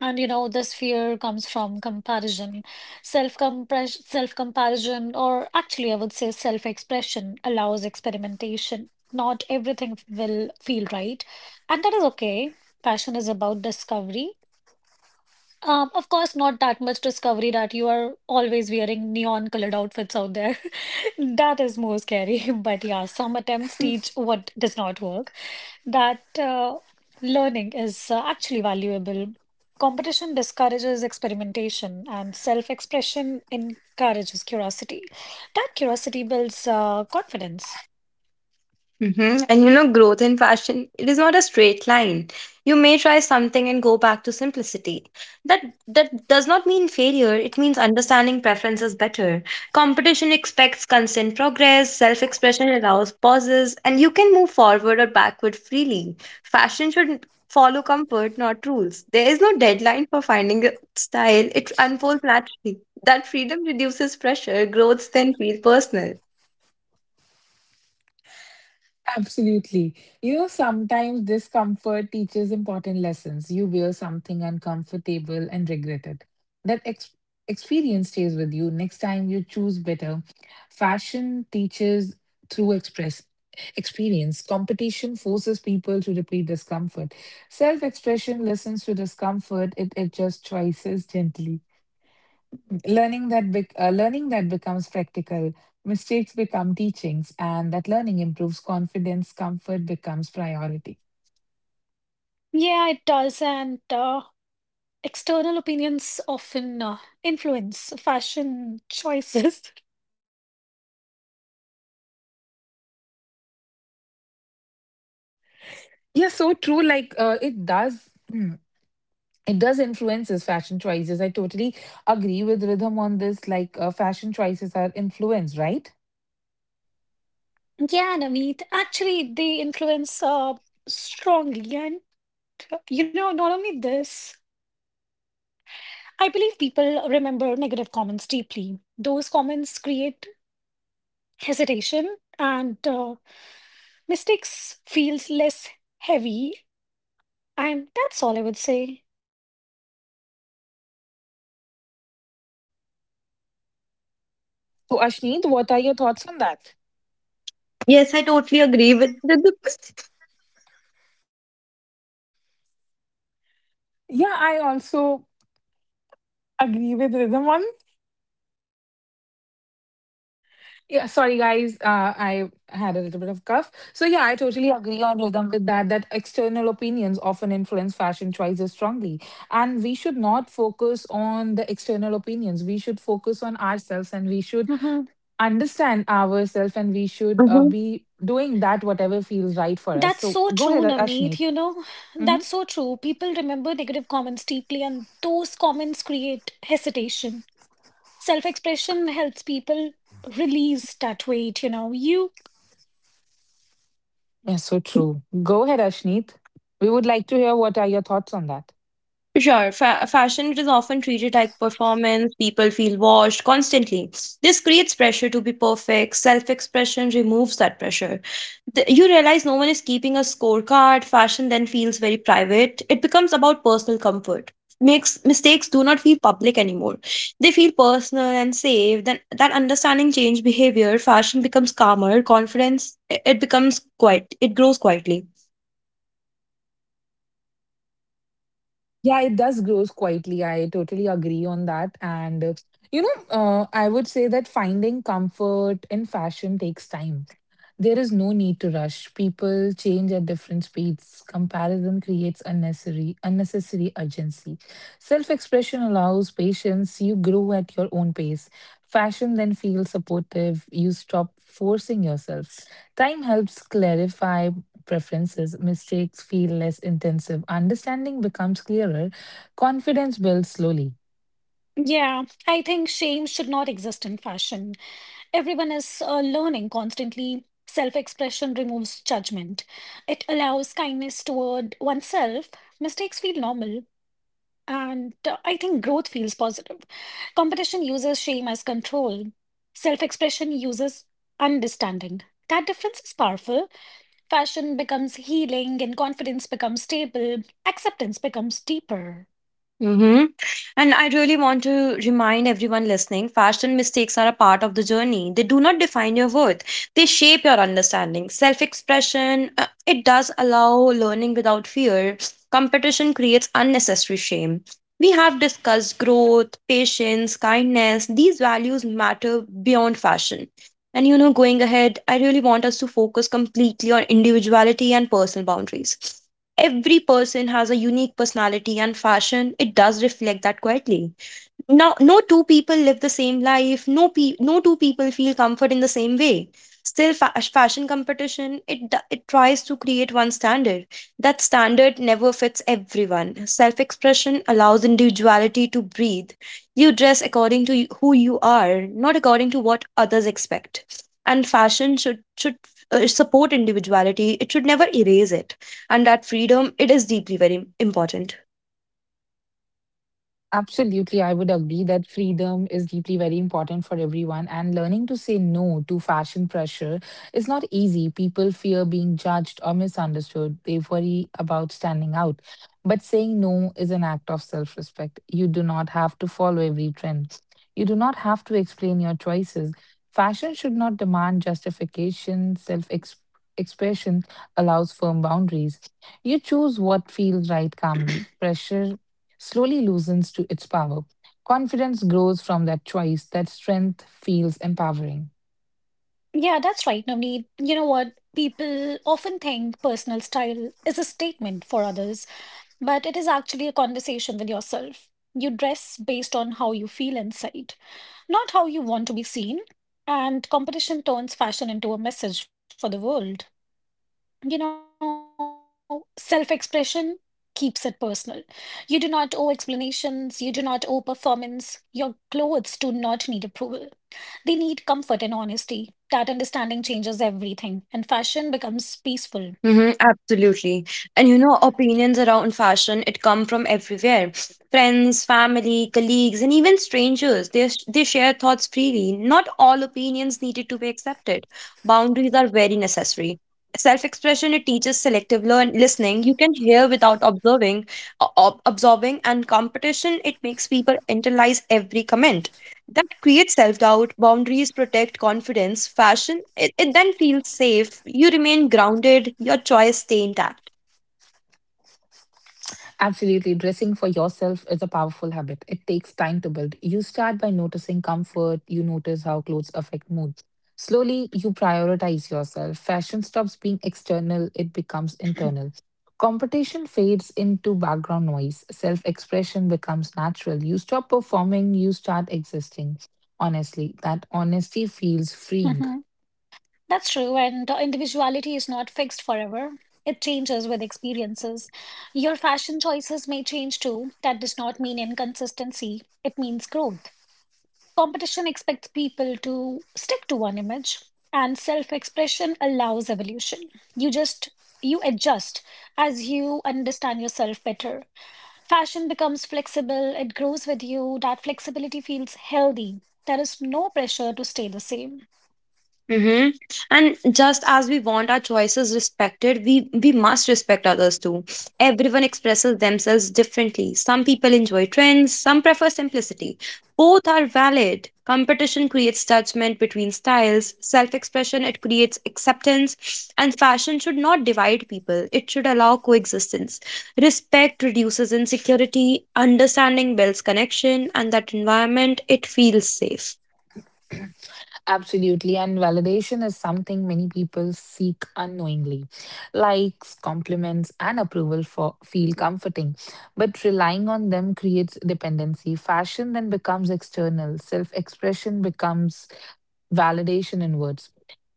And you know, this fear comes from comparison, self-compression, self-comparison, or actually, I would say self-expression allows experimentation. Not everything will feel right, and that is okay. Passion is about discovery, of course, not that much discovery that you are always wearing neon colored outfits out there. That is more scary. But yeah, some attempts teach what does not work. That learning is actually valuable. Competition discourages experimentation, and self-expression encourages curiosity. That curiosity builds confidence.
Mm-hmm. And you know, growth in fashion, it is not a straight line. You may try something and go back to simplicity. That that does not mean failure. It means understanding preferences better. Competition expects constant progress, self-expression allows pauses, and you can move forward or backward freely. Fashion should follow comfort, not rules. There is no deadline for finding a style. It unfolds naturally. That freedom reduces pressure. Growth then feels personal.
Absolutely. You know, sometimes discomfort teaches important lessons. You wear something uncomfortable and regret it. That ex- experience stays with you. Next time you choose better. Fashion teaches through express experience. Competition forces people to repeat discomfort. Self-expression listens to discomfort. It adjusts choices gently. Learning that becomes practical. Mistakes become teachings, and that learning improves confidence. Comfort becomes priority.
Yeah, it does. And external opinions often influence fashion choices.
Yeah, so true. Like it does, it does influences fashion choices. I totally agree with rhythm on this. Like fashion choices are influenced, right?
Yeah, Navneet, actually, they influence strongly. And, you know, not only this, I believe people remember negative comments deeply. Those comments create hesitation and mistakes feels less heavy. And that's all I would say.
So, Ashneet, what are your thoughts on that?
Yes, I totally agree with the
Yeah, I also agree with rhythm on. Yeah, sorry guys, I had a little bit of cough. So yeah, I totally agree on rhythm with that. That external opinions often influence fashion choices strongly, and we should not focus on the external opinions. We should focus on ourselves, and we should
Hmm.
understand ourselves, and we should
hmm
be doing that whatever feels right for us.
That's
So
so
go
true,
ahead,
Navneet.
Ashneet.
You know,
Mm-hmm.
that's so true. People remember negative comments deeply, and those comments create hesitation. Self-expression helps people release that weight, you know. You.
Yeah, so true. Go ahead, Ashneet. We would like to hear what are your thoughts on that.
sure. Fashion it is often treated like performance. People feel washed constantly. This creates pressure to be perfect. Self expression removes that pressure. You realize no one is keeping a scorecard. Fashion then feels very private. It becomes about personal comfort. Makes mistakes do not feel public anymore. They feel personal and safe. Then that understanding change behavior. Fashion becomes calmer. Confidence it becomes quiet. It grows quietly.
Yeah, it does grows quietly. I totally agree on that. And you know, I would say that finding comfort in fashion takes time. There is no need to rush. People change at different speeds. Comparison creates unnecessary urgency. Self-expression allows patience. You grow at your own pace. Fashion then feels supportive. You stop forcing yourself. Time helps clarify preferences, mistakes feel less intensive, understanding becomes clearer, confidence builds slowly.
Yeah, I think shame should not exist in fashion. Everyone is learning constantly. Self-expression removes judgment. It allows kindness toward oneself. Mistakes feel normal, and I think growth feels positive. Competition uses shame as control. Self-expression uses understanding. That difference is powerful. Fashion becomes healing, and confidence becomes stable. Acceptance becomes deeper.
Mm-hmm. And I really want to remind everyone listening, fashion mistakes are a part of the journey. They do not define your worth, they shape your understanding. Self expression, it does allow learning without fear. Competition creates unnecessary shame. We have discussed growth, patience, kindness. These values matter beyond fashion. And you know, going ahead, I really want us to focus completely on individuality and personal boundaries. Every person has a unique personality and fashion it does reflect that quietly. Now no two people live the same life, no two people feel comfort in the same way. Still fashion competition it tries to create one standard. That standard never fits everyone. Self expression allows individuality to breathe. You dress according to who you are, not according to what others expect. And fashion should support individuality, it should never erase it. And that freedom it is deeply very important.
Absolutely, I would agree that freedom is deeply very important for everyone, and learning to say no to fashion pressure is not easy. People fear being judged or misunderstood, they worry about standing out. But saying no is an act of self respect. You do not have to follow every trend, you do not have to explain your choices. Fashion should not demand justification, self expression allows firm boundaries. You choose what feels right calmly. Pressure slowly loosens to its power. Confidence grows from that choice, that strength feels empowering.
Yeah, that's right, Navneet. You know what? People often think personal style is a statement for others, but it is actually a conversation with yourself. You dress based on how you feel inside, not how you want to be seen. And competition turns fashion into a message for the world. You know, self expression keeps it personal. You do not owe explanations, you do not owe performance. Your clothes do not need approval. They need comfort and honesty. That understanding changes everything, and fashion becomes peaceful.
Mm-hmm, absolutely. And you know, opinions around fashion, it come from everywhere. Friends, family, colleagues, and even strangers, they share thoughts freely. Not all opinions needed to be accepted. Boundaries are very necessary. Self-expression, it teaches selective learn listening. You can hear without absorbing, and competition, it makes people internalize every comment, that creates self doubt, boundaries protect confidence, fashion, it then feels safe, you remain grounded, your choice stay intact.
Absolutely. Dressing for yourself is a powerful habit. It takes time to build. You start by noticing comfort, you notice how clothes affect mood. Slowly, you prioritize yourself. Fashion stops being external, it becomes internal. Competition fades into background noise. Self expression becomes natural. You stop performing, you start existing. Honestly, that honesty feels freeing.
Mhm. That's true, and individuality is not fixed forever. It changes with experiences. Your fashion choices may change too. That does not mean inconsistency, it means growth. Competition expects people to stick to one image, and self-expression allows evolution. You just you adjust as you understand yourself better. Fashion becomes flexible, it grows with you. That flexibility feels healthy. There is no pressure to stay the same.
Mm-hmm. And just as we want our choices respected, we must respect others too. Everyone expresses themselves differently. Some people enjoy trends, some prefer simplicity. Both are valid. Competition creates judgment between styles, self-expression it creates acceptance, and fashion should not divide people. It should allow coexistence. Respect reduces insecurity, understanding builds connection, and that environment it feels safe.
Absolutely. And validation is something many people seek unknowingly. Likes, compliments, and approval for, feel comforting, but relying on them creates dependency. Fashion then becomes external, self expression becomes validation in words.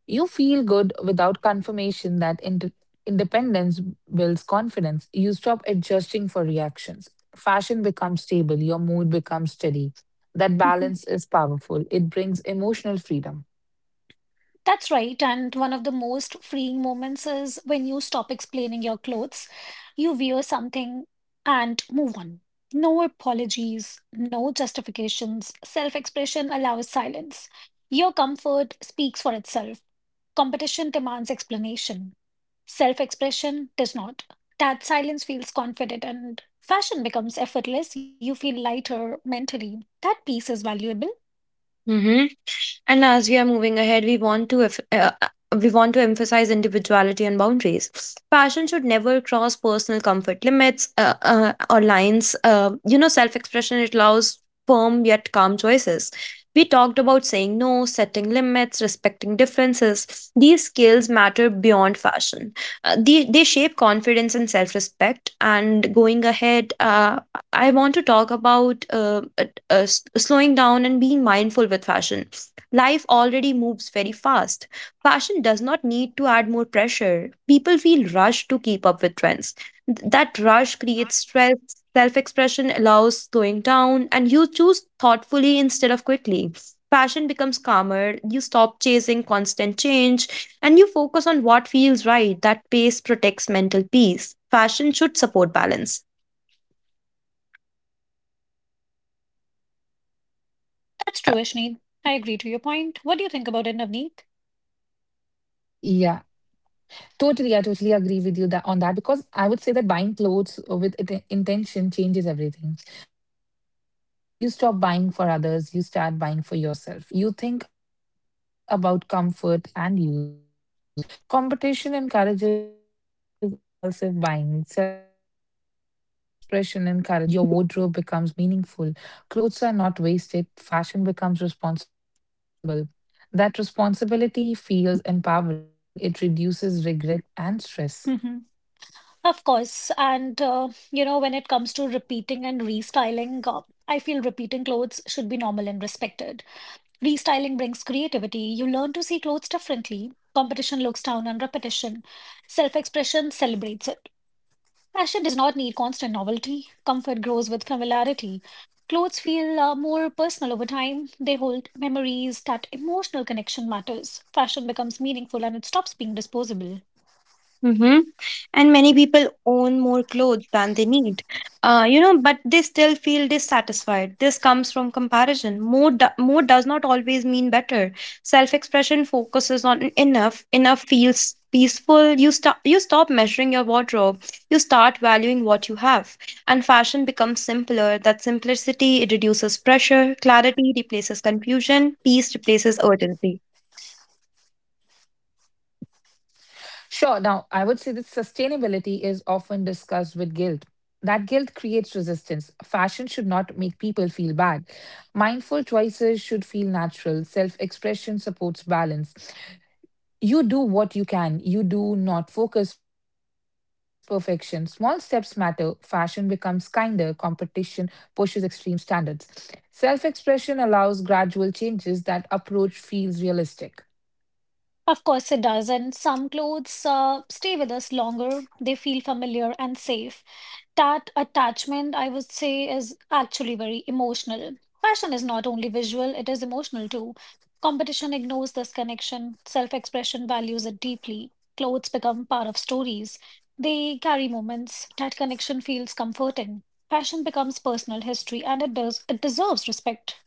You feel good without confirmation. Independence builds confidence. You stop adjusting for reactions. Fashion becomes stable, your mood becomes steady. That balance is powerful, it brings emotional freedom.
That's right. And one of the most freeing moments is when you stop explaining your clothes, you wear something and move on. No apologies, no justifications. Self expression allows silence. Your comfort speaks for itself. Competition demands explanation. Self expression does not. That silence feels confident and fashion becomes effortless. You feel lighter mentally. That piece is valuable.
Mm-hmm. And as we are moving ahead, we want to if, we want to emphasize individuality and boundaries. Fashion should never cross personal comfort limits or lines. Self-expression it allows firm yet calm choices. We talked about saying no, setting limits, respecting differences. These skills matter beyond fashion. They shape confidence and self respect. And going ahead, I want to talk about slowing down and being mindful with fashion. Life already moves very fast. Fashion does not need to add more pressure. People feel rushed to keep up with trends. That rush creates stress. Self expression allows slowing down, and you choose thoughtfully instead of quickly. Fashion becomes calmer, you stop chasing constant change, and you focus on what feels right. That pace protects mental peace. Fashion should support balance.
That's true, Ashneet. I agree to your point. What do you think about it, Navneet?
Yeah, totally. I totally agree with you that on that because I would say that buying clothes intention changes everything. You stop buying for others, you start buying for yourself. You think about comfort and use. Competition encourages impulsive buying, self expression encourages thoughtful choices. You buy less but feel satisfied. Your wardrobe becomes meaningful. Clothes are not wasted. Fashion becomes responsible. That responsibility feels empowering. It reduces regret and stress.
Hmm. Of course. And, you know, when it comes to repeating and restyling, I feel repeating clothes should be normal and respected. Restyling brings creativity. You learn to see clothes differently. Competition looks down on repetition. Self expression celebrates it. Fashion does not need constant novelty. Comfort grows with familiarity. Clothes feel more personal over time. They hold memories. That emotional connection matters. Fashion becomes meaningful and it stops being disposable.
Mm-hmm. And many people own more clothes than they need, but they still feel dissatisfied. This comes from comparison. More does not always mean better. Self-expression focuses on enough. Enough feels peaceful. You stop measuring your wardrobe. You start valuing what you have, and fashion becomes simpler. That simplicity it reduces pressure. Clarity replaces confusion. Peace replaces urgency.
Sure, now I would say that sustainability is often discussed with guilt. That guilt creates resistance. Fashion should not make people feel bad. Mindful choices should feel natural. Self expression supports balance. You do what you can. You do not focus perfection. Small steps matter. Fashion becomes kinder. Competition pushes extreme standards. Self expression allows gradual changes, that approach feels realistic.
Of course, it does. And some clothes stay with us longer. They feel familiar and safe. That attachment, I would say, is actually very emotional. Fashion is not only visual, it is emotional too. Competition ignores this connection, self expression values it deeply. Clothes become part of stories. They carry moments. That connection feels comforting. Fashion becomes personal history and it does it deserves respect.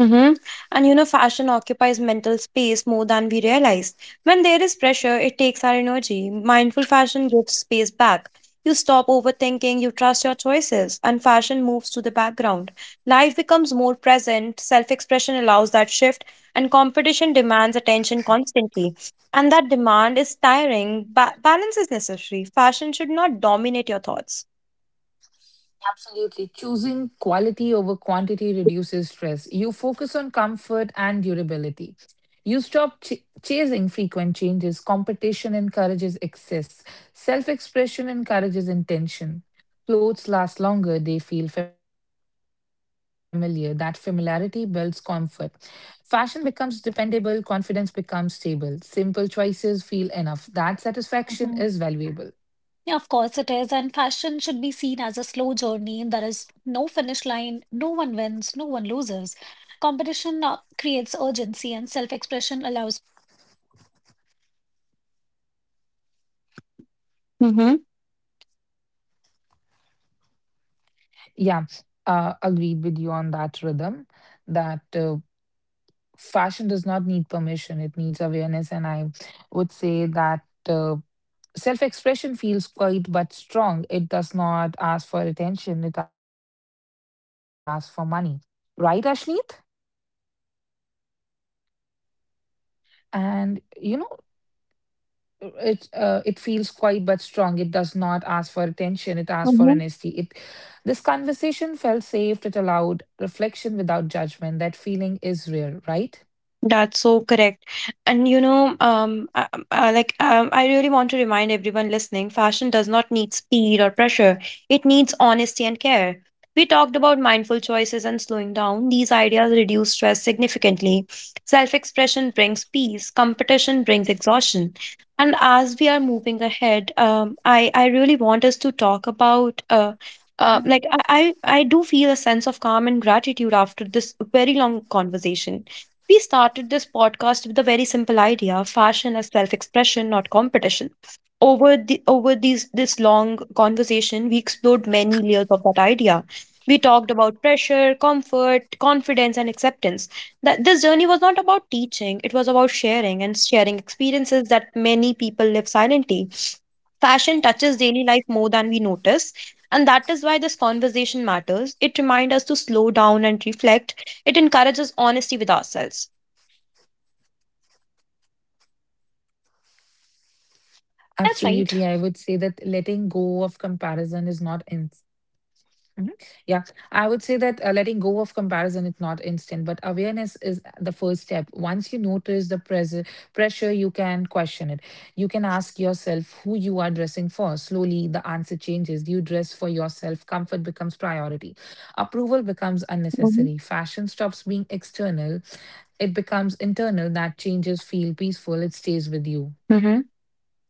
Mm-hmm. And you know, fashion occupies mental space more than we realize. When there is pressure, it takes our energy. Mindful fashion gives space back. You stop overthinking, you trust your choices, and fashion moves to the background. Life becomes more present, self expression allows that shift, and competition demands attention constantly. And that demand is tiring. Balance is necessary. Fashion should not dominate your thoughts.
Absolutely. Choosing quality over quantity reduces stress. You focus on comfort and durability. You stop chasing frequent changes. Competition encourages excess. Self expression encourages intention. Clothes last longer, they feel familiar. That familiarity builds comfort. Fashion becomes dependable, confidence becomes stable. Simple choices feel enough. That satisfaction is valuable.
Mhm. Yeah, of course it is. And fashion should be seen as a slow journey. There is no finish line, no one wins, no one loses. Competition creates urgency, and self-expression allows patience. You move at your own pace. Fashion evolves naturally. There is
कर
no
दो
rush. That calmness is important. It reduces anxiety and it
Yeah,
supports well-being.
agreed with you on that, rhythm, that. Fashion does not need permission, it needs awareness. And I
And you know what,
would
guys?
say that
This
uh,
is something
self
that I.
expression feels quiet but strong. It does not ask for attention, it asks for money. Right, Ashneet? And you know, it feels quiet but strong. It does not ask for attention. It asks for honesty.
कर
It
दो.
this conversation felt safe. It allowed reflection without judgment. That feeling is rare, right?
That's so correct. And you know, I really want to remind everyone listening, fashion does not need speed or pressure. It needs honesty and care. We talked about mindful choices and slowing down. These ideas reduce stress significantly. Self-expression brings peace. Competition brings exhaustion. And as we are moving ahead, I really want us to talk about
Mhm.
like I do feel a sense of calm and gratitude after this very long conversation. We started this podcast with a very simple idea: fashion as self expression, not competition. Over this long conversation, we explored many layers of that idea. We talked about pressure, comfort, confidence, and acceptance. That this journey was not about teaching, it was about sharing and sharing experiences that many people live silently. Fashion touches daily life more than we notice, and that is why this conversation matters. It reminds us to slow down and reflect, it encourages honesty with ourselves.
Absolutely, I would say that letting go
That's
of
right.
comparison is not. Mhm. Yeah, I would say that letting go of comparison is not instant, but awareness is the first step. Once you notice the pressure, you can question it. You can ask yourself who you are dressing for. Slowly, the answer changes. You dress for yourself, comfort becomes priority, approval becomes unnecessary, fashion
Mm-hmm.
stops being external, it becomes internal. That changes feel peaceful, it stays with you.
Hmm.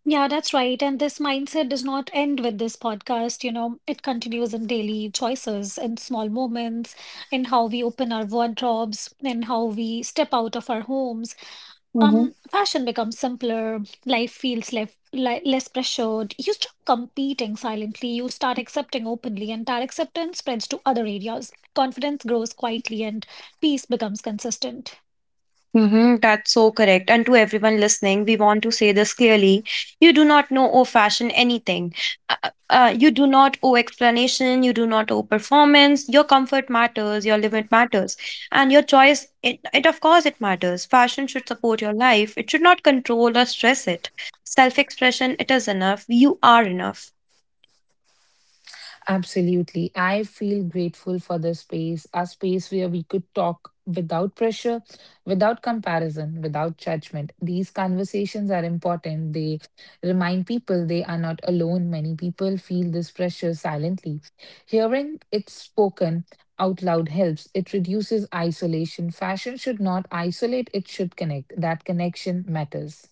Yeah, that's right. And this mindset does not end with this podcast. You know, it continues in daily choices, in small moments, in how we open our wardrobes, in how we step out of our homes.
Mm-hmm.
Fashion becomes simpler. Life feels less li less pressured. You stop competing silently. You start accepting openly, and that acceptance spreads to other areas. Confidence grows quietly, and peace becomes consistent.
Mm-hmm, that's so correct. And to everyone listening, we want to say this clearly. You do not know or fashion anything. Uh, uh, you do not owe explanation. You do not owe performance. Your comfort matters. Your limit matters. And your choice, it of course, it matters. Fashion should support your life, it should not control or stress it. Self expression, it is enough. You are enough.
Absolutely. I feel grateful for this space, a space where we could talk without pressure, without comparison, without judgment. These conversations are important. They remind people they are not alone. Many people feel this pressure silently. Hearing it spoken out loud helps. It reduces isolation. Fashion should not isolate, it should connect. That connection matters.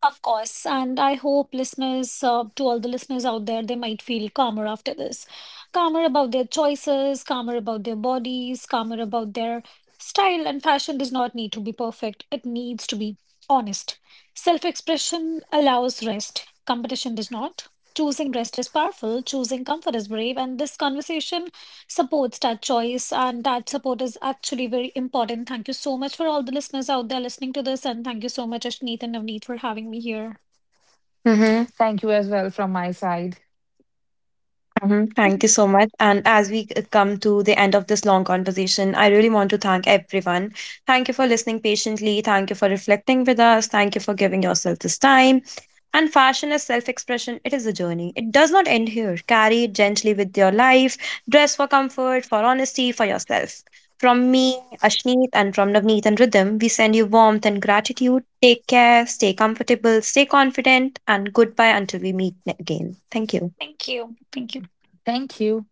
Of course, and I hope listeners, to all the listeners out there, they might feel calmer after this. Calmer about their choices, calmer about their bodies, calmer about their style. And fashion does not need to be perfect, it needs to be honest. Self expression allows rest, competition does not. Choosing rest is powerful, choosing comfort is brave. And this conversation supports that choice and that support is actually very important. Thank you so much for all the listeners out there listening to this and thank you so much Ashneet and Navneet for having me here.
Thank you as well from my side.
Mhm. Thank you so much. And as we come to the end of this long conversation, I really want to thank everyone. Thank you for listening patiently. Thank you for reflecting with us. Thank you for giving yourself this time. And fashion is self expression, it is a journey. It does not end here. Carry it gently with your life. Dress for comfort, for honesty, for yourself. From me, Ashneet, and from Navneet and Rhythm, we send you warmth and gratitude. Take care, stay comfortable, stay confident, and goodbye until we meet again. Thank you.
Thank you. Thank you.
Thank you.